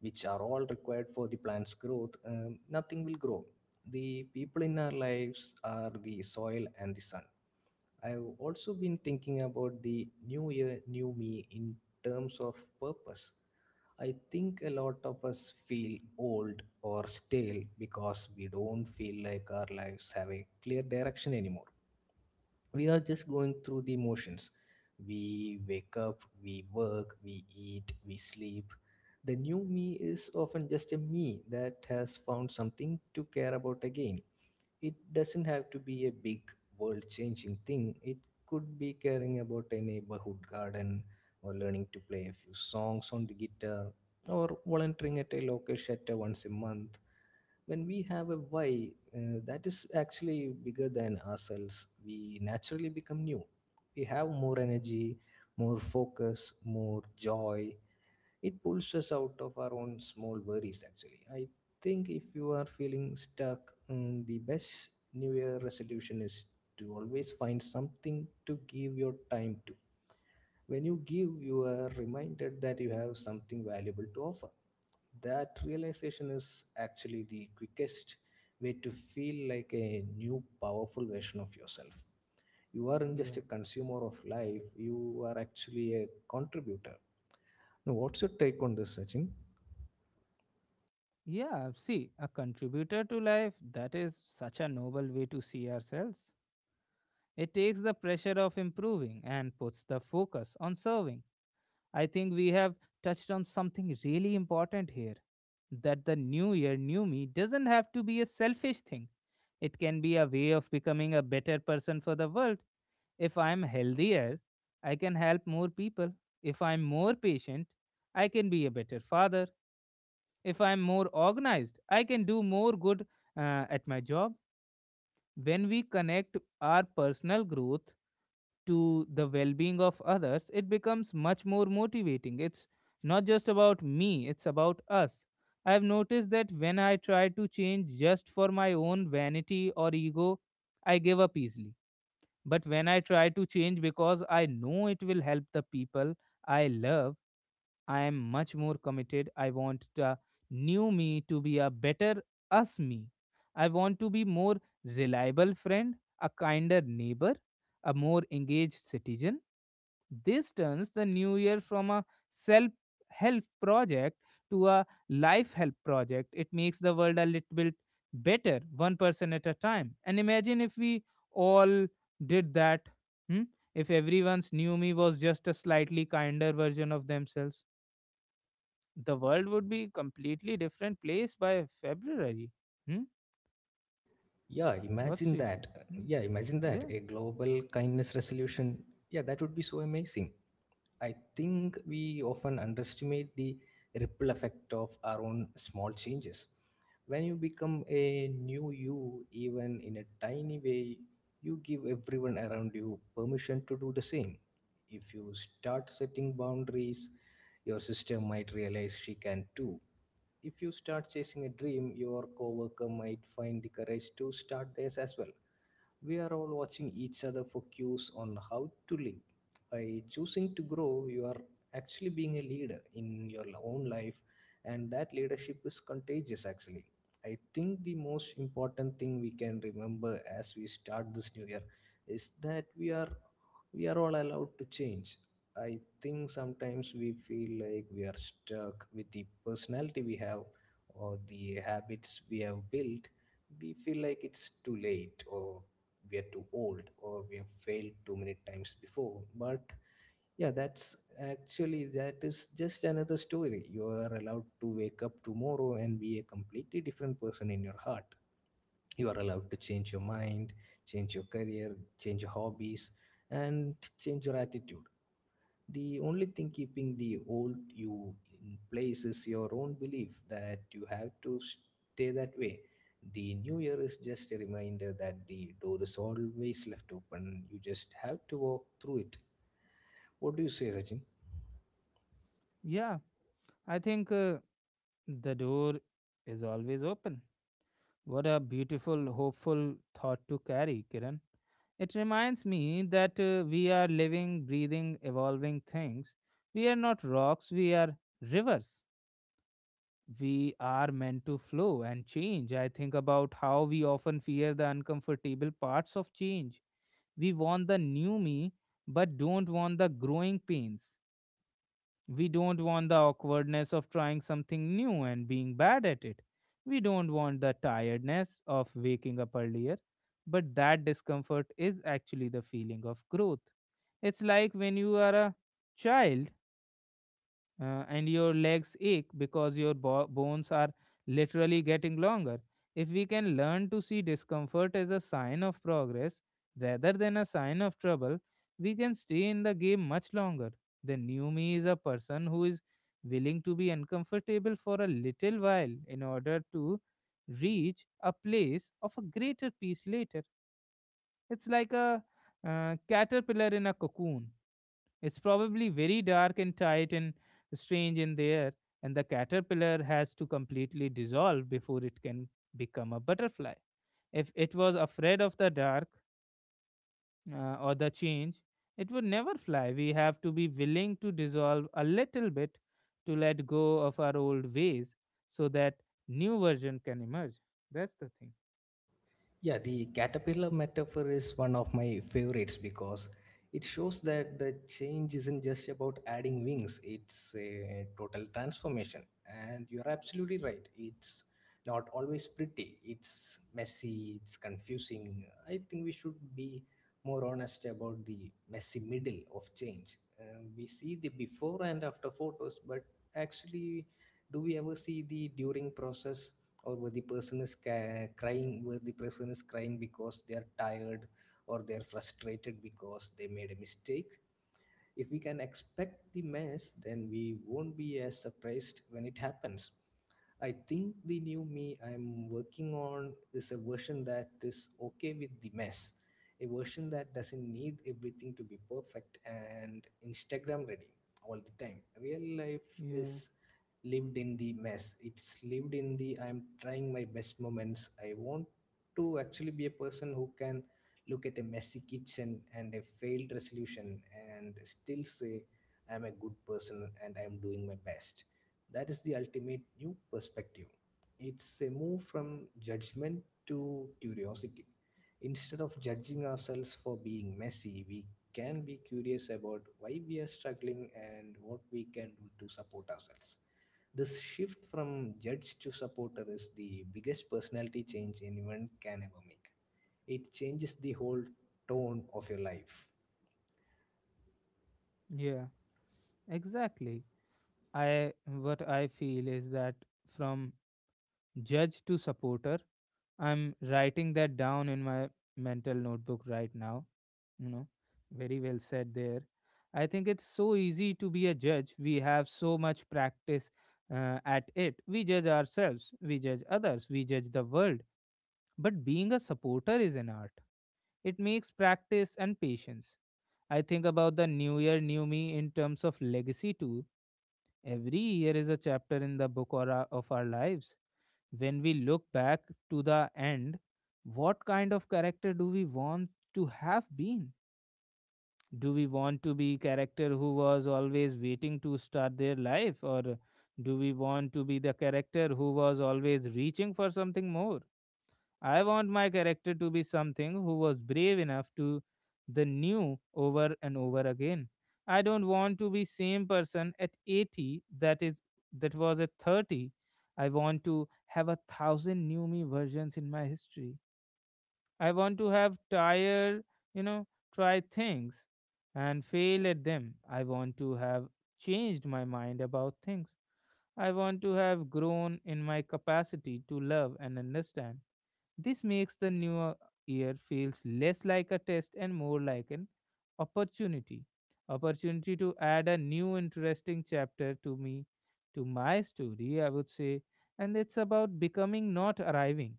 Speaker 2: which are all required for the plant's growth, nothing will grow. The people in our lives are the soil and the sun. I've also been thinking about the new year, new me in terms of purpose. I think a lot of us feel old or stale because we don't feel like our lives have a clear direction anymore. We are just going through the motions. We wake up, we work, we eat, we sleep. The new me is often just a me that has found something to care about again. It doesn't have to be a big, world changing thing. It could be caring about a neighborhood garden, or learning to play a few songs on the guitar, or volunteering at a local shelter once a month. When we have a why that is actually bigger than ourselves, we naturally become new. We have more energy, more focus, more joy. It pulls us out of our own small worries. Actually, I think if you are feeling stuck, the best new year resolution is to always find something to give your time to. When you give, you are reminded that you have something valuable to offer. That realization is actually the quickest way to feel like a new powerful version of yourself. You aren't just
Speaker 1: Yeah.
Speaker 2: a consumer of life, you are actually a contributor. Now what's your take on this, Sachin?
Speaker 1: Yeah, see, a contributor to life, that is such a noble way to see ourselves. It takes the pressure of improving and puts the focus on serving. I think we have touched on something really important here, that the new year, new me doesn't have to be a selfish thing. It can be a way of becoming a better person for the world. If I'm healthier, I can help more people. If I'm more patient, I can be a better father. If I'm more organized, I can do more good at my job. When we connect our personal growth to the well being of others, it becomes much more motivating. It's not just about me, it's about us. I've noticed that when I try to change just for my own vanity or ego, I give up easily. But when I try to change because I know it will help the people I love, I am much more committed. I want the new me to be a better us me. I want to be more reliable friend, a kinder neighbor, a more engaged citizen. This turns the new year from a self help project to a life help project. It makes the world a little bit better, one person at a time. And imagine if we all did that. hmm? If everyone's new me was just a slightly kinder version of themselves the world would be completely different place by February. Hmm?
Speaker 2: Yeah,
Speaker 1: What's
Speaker 2: imagine
Speaker 1: you say?
Speaker 2: that.
Speaker 1: Hmm?
Speaker 2: Yeah, imagine that.
Speaker 1: Yeah,
Speaker 2: A global kindness resolution. Yeah, that would be so amazing. I think we often underestimate the ripple effect of our own small changes. When you become a new you, even in a tiny way, you give everyone around you permission to do the same. If you start setting boundaries, your sister might realize she can too. If you start chasing a dream, your coworker might find the courage to start theirs as well. We are all watching each other for cues on how to live. By choosing to grow, you are actually being a leader in your own life, and that leadership is contagious actually. I think the most important thing we can remember as we start this new year is that we are all allowed to change. I think sometimes we feel like we are stuck with the personality we have or the habits we have built. We feel like it's too late, or we are too old, or we have failed too many times before. But yeah, that is just another story. You are allowed to wake up tomorrow and be a completely different person in your heart. You are allowed to change your mind, change your career, change your hobbies, and change your attitude. The only thing keeping the old you in place is your own belief that you have to stay that way. The new year is just a reminder that the door is always left open. You just have to walk through it. What do you say, Sachin?
Speaker 1: yeah. I think the door is always open. What a beautiful, hopeful thought to carry, Kiran. It reminds me that we are living, breathing, evolving things. We are not rocks, we are rivers. We are meant to flow and change. I think about how we often fear the uncomfortable parts of change. We want the new me, but don't want the growing pains. We don't want the awkwardness of trying something new and being bad at it. We don't want the tiredness of waking up earlier, but that discomfort is actually the feeling of growth. It's like when you are a child and your legs ache because your bones are literally getting longer. If we can learn to see discomfort as a sign of progress rather than a sign of trouble, we can stay in the game much longer. The new me is a person who is willing to be uncomfortable for a little while in order to reach a place of a greater peace later. It's like a caterpillar in a cocoon. It's probably very dark and tight and strange in there, and the caterpillar has to completely dissolve before it can become a butterfly. If it was afraid of the dark or the change, it would never fly. We have to be willing to dissolve a little bit to let go of our old ways so that new version can emerge. That's the thing.
Speaker 2: Yeah, the caterpillar metaphor is one of my favorites because it shows that the change isn't just about adding wings, it's a total transformation. And you're absolutely right. It's not always pretty, it's messy, it's confusing. I think we should be more honest about the messy middle of change. We see the before and after photos, but actually, do we ever see the during process? Or where the person is ca- crying where the person is crying because they are tired, or they are frustrated because they made a mistake. If we can expect the mess, then we won't be as surprised when it happens. I think the new me I'm working on is a version that is okay with the mess, a version that doesn't need everything to be perfect and Instagram ready all the time. Real life
Speaker 1: Yeah,
Speaker 2: is lived in the mess, it's lived in the I'm trying my best moments. I want to actually be a person who can look at a messy kitchen and a failed resolution and still say, I'm a good person and I'm doing my best. That is the ultimate new perspective. It's a move from judgment to curiosity. Instead of judging ourselves for being messy, we can be curious about why we are struggling and what we can do to support ourselves. This shift from judge to supporter is the biggest personality change anyone can ever make. It changes the whole tone of your life.
Speaker 1: yeah, exactly. I What I feel is that from judge to supporter, I'm writing that down in my mental notebook right now. You know, very well said there. I think it's so easy to be a judge. We have so much practice at it. We judge ourselves, we judge others, we judge the world. But being a supporter is an art, it makes practice and patience. I think about the new year, new me in terms of legacy too. Every year is a chapter in the book of our lives. When we look back to the end, what kind of character do we want to have been? Do we want to be character who was always waiting to start their life or do we want to be the character who was always reaching for something more? I want my character to be something who was brave enough to the new over and over again. I don't want to be same person at 80 that is that was at 30. I want to have a thousand new me versions in my history. I want to have you know, try things and fail at them. I want to have changed my mind about things. I want to have grown in my capacity to love and understand. This makes the new year feels less like a test and more like an opportunity. Opportunity to add a new interesting chapter to me, to my story, I would say. And it's about becoming, not arriving.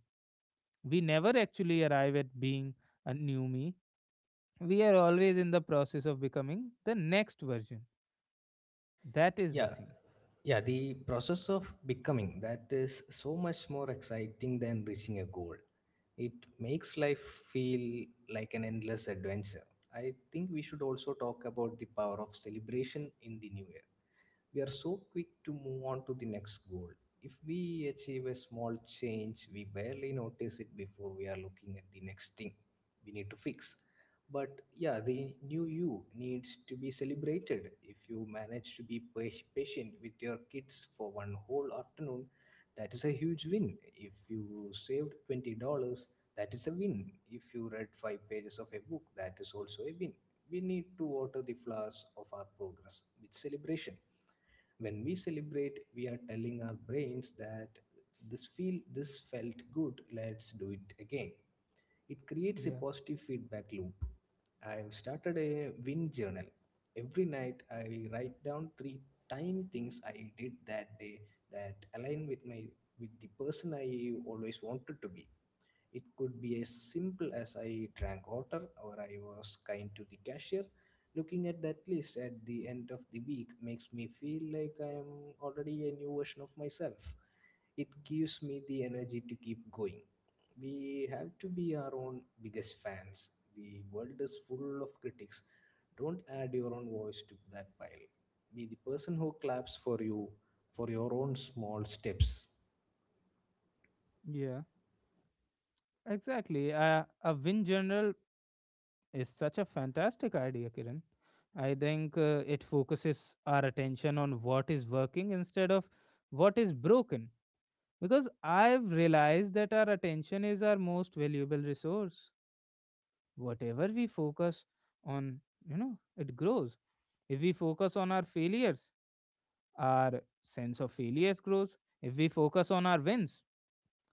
Speaker 1: We never actually arrive at being a new me. We are always in the process of becoming the next version. That is the
Speaker 2: Yeah,
Speaker 1: thing.
Speaker 2: yeah, the process of becoming, that is so much more exciting than reaching a goal. It makes life feel like an endless adventure. I think we should also talk about the power of celebration in the new year. We are so quick to move on to the next goal. If we achieve a small change, we barely notice it before we are looking at the next thing we need to fix. But yeah, the new you needs to be celebrated. If you manage to be patient with your kids for one whole afternoon, that is a huge win. If you saved $20, that is a win. If you read five pages of a book, that is also a win. We need to water the flowers of our progress with celebration. When we celebrate, we are telling our brains that this felt good, let's do it again. It creates a
Speaker 1: Yeah.
Speaker 2: positive feedback loop. I've started a win journal. Every night I write down three tiny things I did that day that align with my with the person I always wanted to be. It could be as simple as I drank water or I was kind to the cashier. Looking at that list at the end of the week makes me feel like I am already a new version of myself. It gives me the energy to keep going. We have to be our own biggest fans. The world is full of critics. Don't add your own voice to that pile. Be the person who claps for you, for your own small steps.
Speaker 1: Yeah. Exactly. A win general is such a fantastic idea, Kiran. I think it focuses our attention on what is working instead of what is broken. Because I've realized that our attention is our most valuable resource. Whatever we focus on, you know, it grows. If we focus on our failures, our sense of failures grows. If we focus on our wins,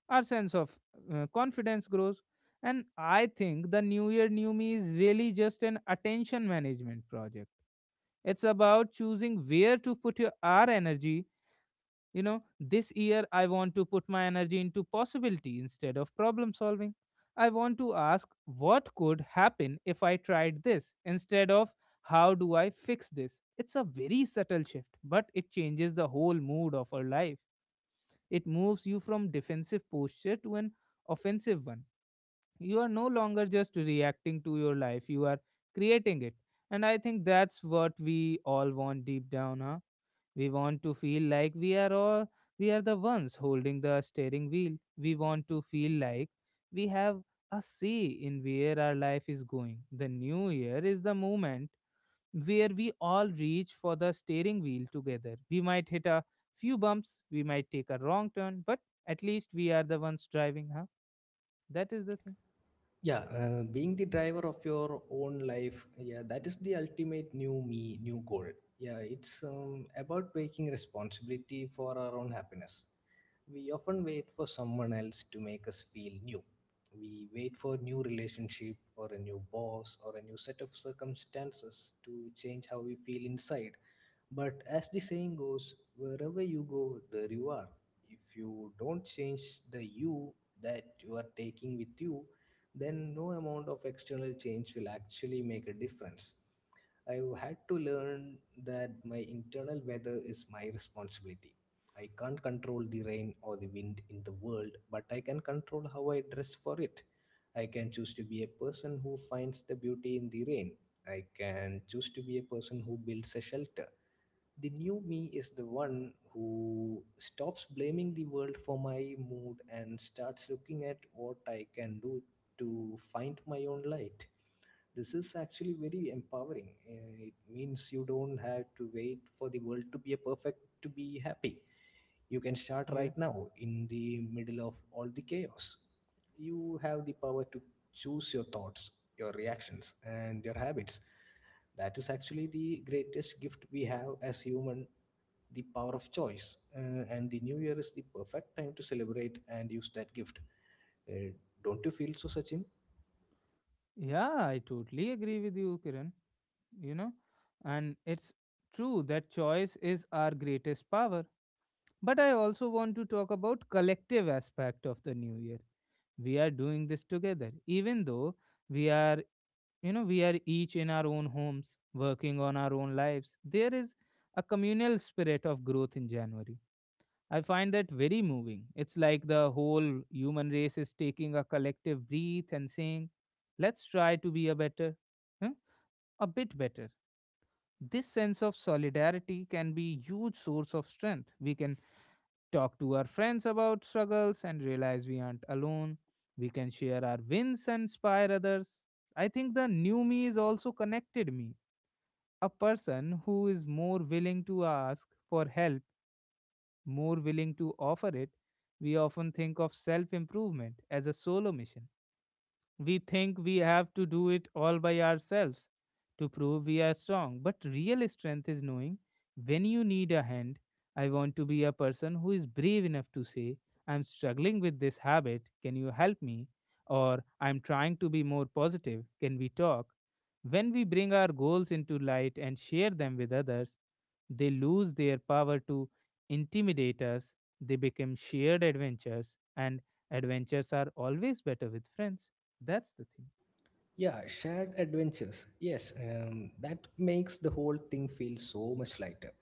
Speaker 1: our sense of confidence grows. And I think the new year new me is really just an attention management project. It's about choosing where to put our energy. You know, this year I want to put my energy into possibility instead of problem solving. I want to ask what could happen if I tried this instead of how do I fix this. It's a very subtle shift but it changes the whole mood of our life. It moves you from defensive posture to an offensive one. You are no longer just reacting to your life, you are creating it. And I think that's what we all want deep down, huh? We want to feel like we are the ones holding the steering wheel. We want to feel like we have a say in where our life is going. The new year is the moment where we all reach for the steering wheel together. We might hit a few bumps, we might take a wrong turn, but at least we are the ones driving, huh? That is the thing.
Speaker 2: Yeah, being the driver of your own life, yeah, that is the ultimate new me, new goal. Yeah, it's about taking responsibility for our own happiness. We often wait for someone else to make us feel new. We wait for a new relationship, or a new boss, or a new set of circumstances to change how we feel inside. But as the saying goes, wherever you go, there you are. If you don't change the you that you are taking with you, then no amount of external change will actually make a difference. I've had to learn that my internal weather is my responsibility. I can't control the rain or the wind in the world, but I can control how I dress for it. I can choose to be a person who finds the beauty in the rain. I can choose to be a person who builds a shelter. The new me is the one who stops blaming the world for my mood and starts looking at what I can do to find my own light. This is actually very empowering. It means you don't have to wait for the world to be perfect to be happy. You can start
Speaker 1: Yeah.
Speaker 2: right now in the middle of all the chaos. You have the power to choose your thoughts, your reactions, and your habits. That is actually the greatest gift we have as human, the power of choice. And the new year is the perfect time to celebrate and use that gift. Uh, don't you feel so, Sachin?
Speaker 1: Yeah, I totally agree with you, Kiran. You know, and it's true that choice is our greatest power. But I also want to talk about collective aspect of the new year. We are doing this together, even though we are you know we are each in our own homes working on our own lives. There is a communal spirit of growth in January. I find that very moving. It's like the whole human race is taking a collective breath and saying let's try to be a better, huh, a bit better. This sense of solidarity can be huge source of strength. We can talk to our friends about struggles and realize we aren't alone. We can share our wins and inspire others. I think the new me is also connected me, a person who is more willing to ask for help, more willing to offer it. We often think of self improvement as a solo mission. We think we have to do it all by ourselves to prove we are strong. But real strength is knowing when you need a hand. I want to be a person who is brave enough to say, I'm struggling with this habit. Can you help me? Or I'm trying to be more positive. Can we talk? When we bring our goals into light and share them with others, they lose their power to intimidate us. They become shared adventures, and adventures are always better with friends. That's the thing.
Speaker 2: Yeah, shared adventures. Yes, that makes the whole thing feel so much lighter.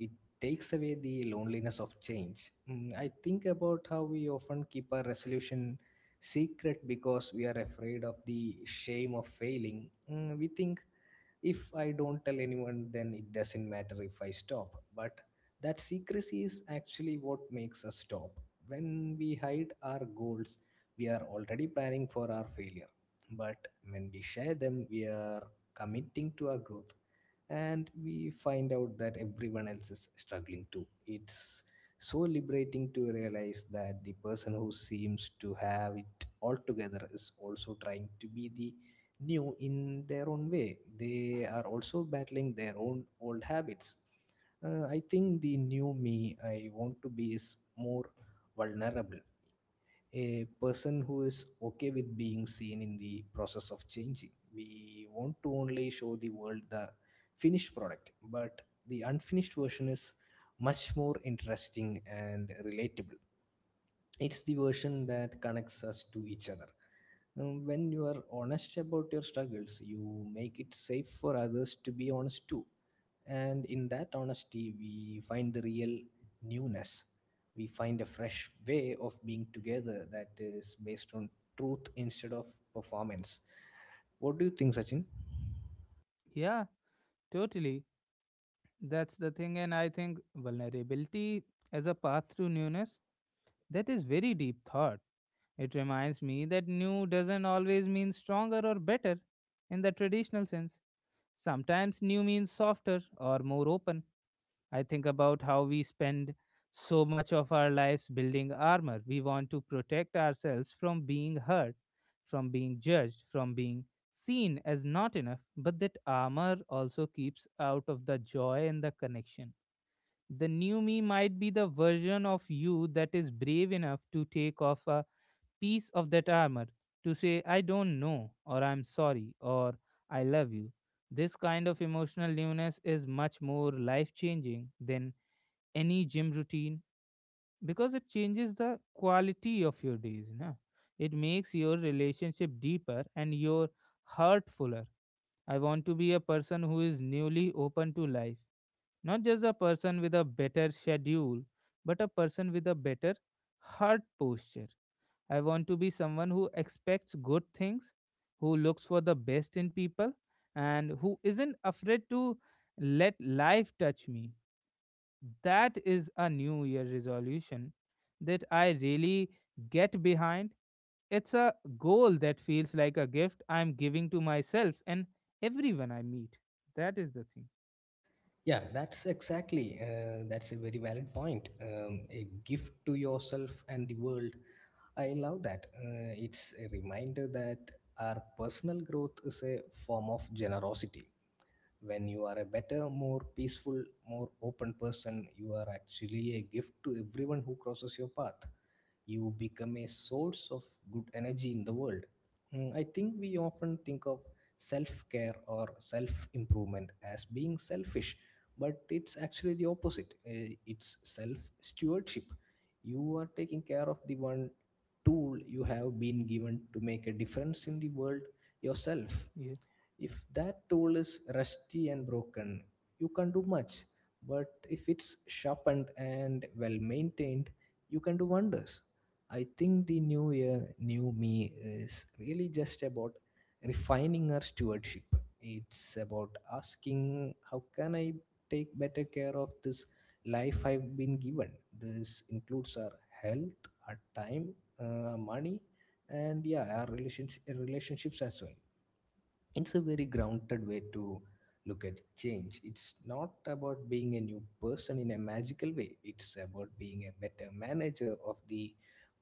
Speaker 2: It takes away the loneliness of change. Mm, I think about how we often keep our resolution secret because we are afraid of the shame of failing. Mm, we think, if I don't tell anyone, then it doesn't matter if I stop. But that secrecy is actually what makes us stop. When we hide our goals, we are already planning for our failure. But when we share them, we are committing to our growth. And we find out that everyone else is struggling too. It's so liberating to realize that the person who seems to have it all together is also trying to be the new in their own way. They are also battling their own old habits. I think the new me I want to be is more vulnerable, a person who is okay with being seen in the process of changing. We want to only show the world the finished product, but the unfinished version is much more interesting and relatable. It's the version that connects us to each other. When you are honest about your struggles, you make it safe for others to be honest too, and in that honesty we find the real newness. We find a fresh way of being together that is based on truth instead of performance. What do you think, Sachin?
Speaker 1: Yeah, totally. That's the thing. And I think vulnerability as a path through newness, that is very deep thought. It reminds me that new doesn't always mean stronger or better in the traditional sense. Sometimes new means softer or more open. I think about how we spend so much of our lives building armor. We want to protect ourselves from being hurt, from being judged, from being seen as not enough. But that armor also keeps out of the joy and the connection. The new me might be the version of you that is brave enough to take off a piece of that armor, to say, I don't know, or I'm sorry, or I love you. This kind of emotional newness is much more life changing than any gym routine because it changes the quality of your days na. It makes your relationship deeper and your heart fuller. I want to be a person who is newly open to life, not just a person with a better schedule but a person with a better heart posture. I want to be someone who expects good things, who looks for the best in people, and who isn't afraid to let life touch me. That is a new year resolution that I really get behind. It's a goal that feels like a gift I'm giving to myself and everyone I meet. That is the thing.
Speaker 2: Yeah, that's exactly. That's a very valid point. A gift to yourself and the world, I love that. It's a reminder that our personal growth is a form of generosity. When you are a better, more peaceful, more open person, you are actually a gift to everyone who crosses your path. You become a source of good energy in the world. I think we often think of self care or self improvement as being selfish, but it's actually the opposite. It's self stewardship. You are taking care of the one tool you have been given to make a difference in the world: yourself.
Speaker 1: Yeah.
Speaker 2: If that tool is rusty and broken, you can't do much. But if it's sharpened and well maintained, you can do wonders. I think the new year, new me is really just about refining our stewardship. It's about asking, how can I take better care of this life I've been given? This includes our health, our time, money, and yeah, our relationships as well. It's a very grounded way to look at change. It's not about being a new person in a magical way, it's about being a better manager of the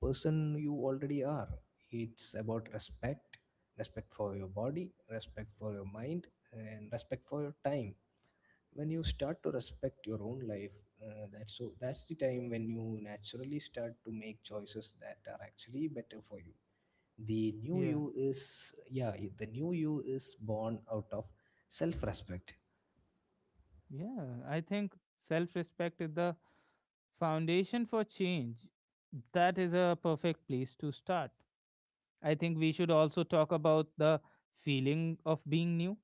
Speaker 2: person you already are. It's about respect. Respect for your body, respect for your mind, and respect for your time. When you start to respect your own life, that's the time when you naturally start to make choices that are actually better for you. The new
Speaker 1: Yeah.
Speaker 2: you is, yeah, the new you is born out of self-respect.
Speaker 1: Yeah. I think self respect is the foundation for change. That is a perfect place to start. I think we should also talk about the feeling of being new.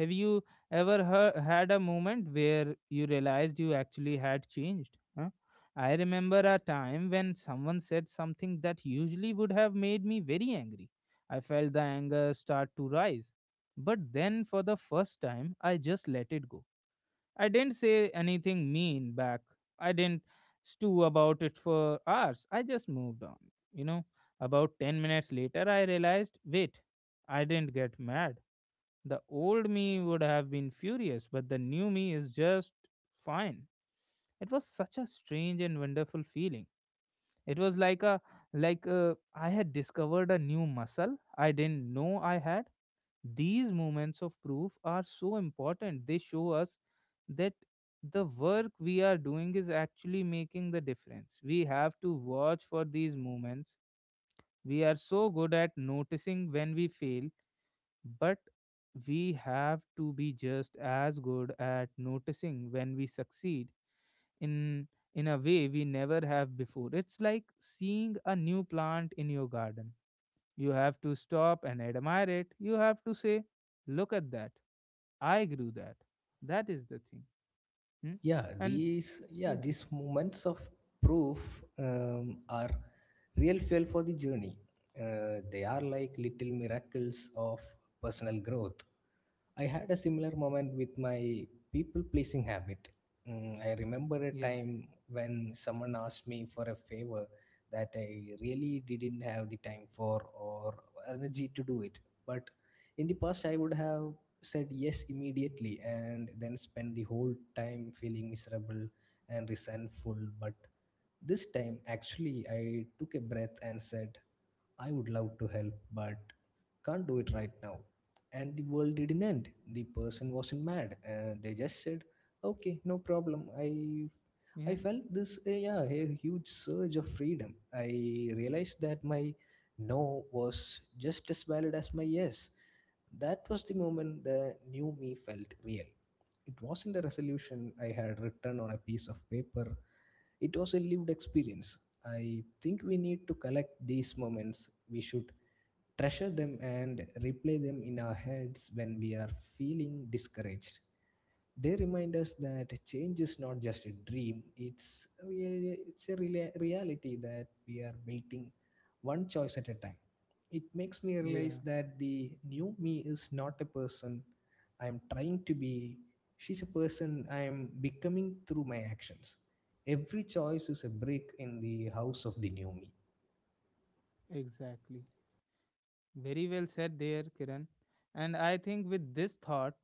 Speaker 1: Have you had a moment where you realized you actually had changed? Huh? I remember a time when someone said something that usually would have made me very angry. I felt the anger start to rise. But then, for the first time, I just let it go. I didn't say anything mean back. I didn't stew about it for hours. I just moved on. You know, about 10 minutes later, I realized wait, I didn't get mad. The old me would have been furious, but the new me is just fine. It was such a strange and wonderful feeling. It was like a I had discovered a new muscle I didn't know I had. These moments of proof are so important. They show us that the work we are doing is actually making the difference. We have to watch for these moments. We are so good at noticing when we fail but we have to be just as good at noticing when we succeed in in a way we never have before. It's like seeing a new plant in your garden. You have to stop and admire it. You have to say, "Look at that! I grew that." That is the thing. Hmm?
Speaker 2: Yeah,
Speaker 1: And
Speaker 2: these yeah
Speaker 1: yeah,
Speaker 2: these moments of proof are real fuel for the journey. They are like little miracles of personal growth. I had a similar moment with my people pleasing habit. I remember a
Speaker 1: yeah,
Speaker 2: time when someone asked me for a favor that I really didn't have the time for or energy to do it. But in the past, I would have said yes immediately and then spent the whole time feeling miserable and resentful. But this time, actually, I took a breath and said, I would love to help, but can't do it right now. And the world didn't end. The person wasn't mad. They just said, okay, no problem. I
Speaker 1: yeah,
Speaker 2: felt this, a huge surge of freedom. I realized that my no was just as valid as my yes. That was the moment the new me felt real. It wasn't a resolution I had written on a piece of paper, it was a lived experience. I think we need to collect these moments. We should treasure them and replay them in our heads when we are feeling discouraged. They remind us that change is not just a dream, it's, really, it's a real reality that we are building one choice at a time. It makes me realize
Speaker 1: yeah.
Speaker 2: that the new me is not a person I am trying to be, she's a person I am becoming through my actions. Every choice is a brick in the house of the new me.
Speaker 1: Exactly. Very well said there, Kiran. And I think with this thought,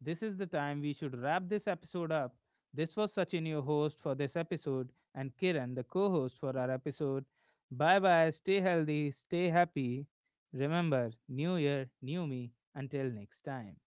Speaker 1: this is the time we should wrap this episode up. This was Sachin, your host for this episode, and Kiran, the co host for our episode. Bye bye, stay healthy, stay happy. Remember, new year, new me. Until next time.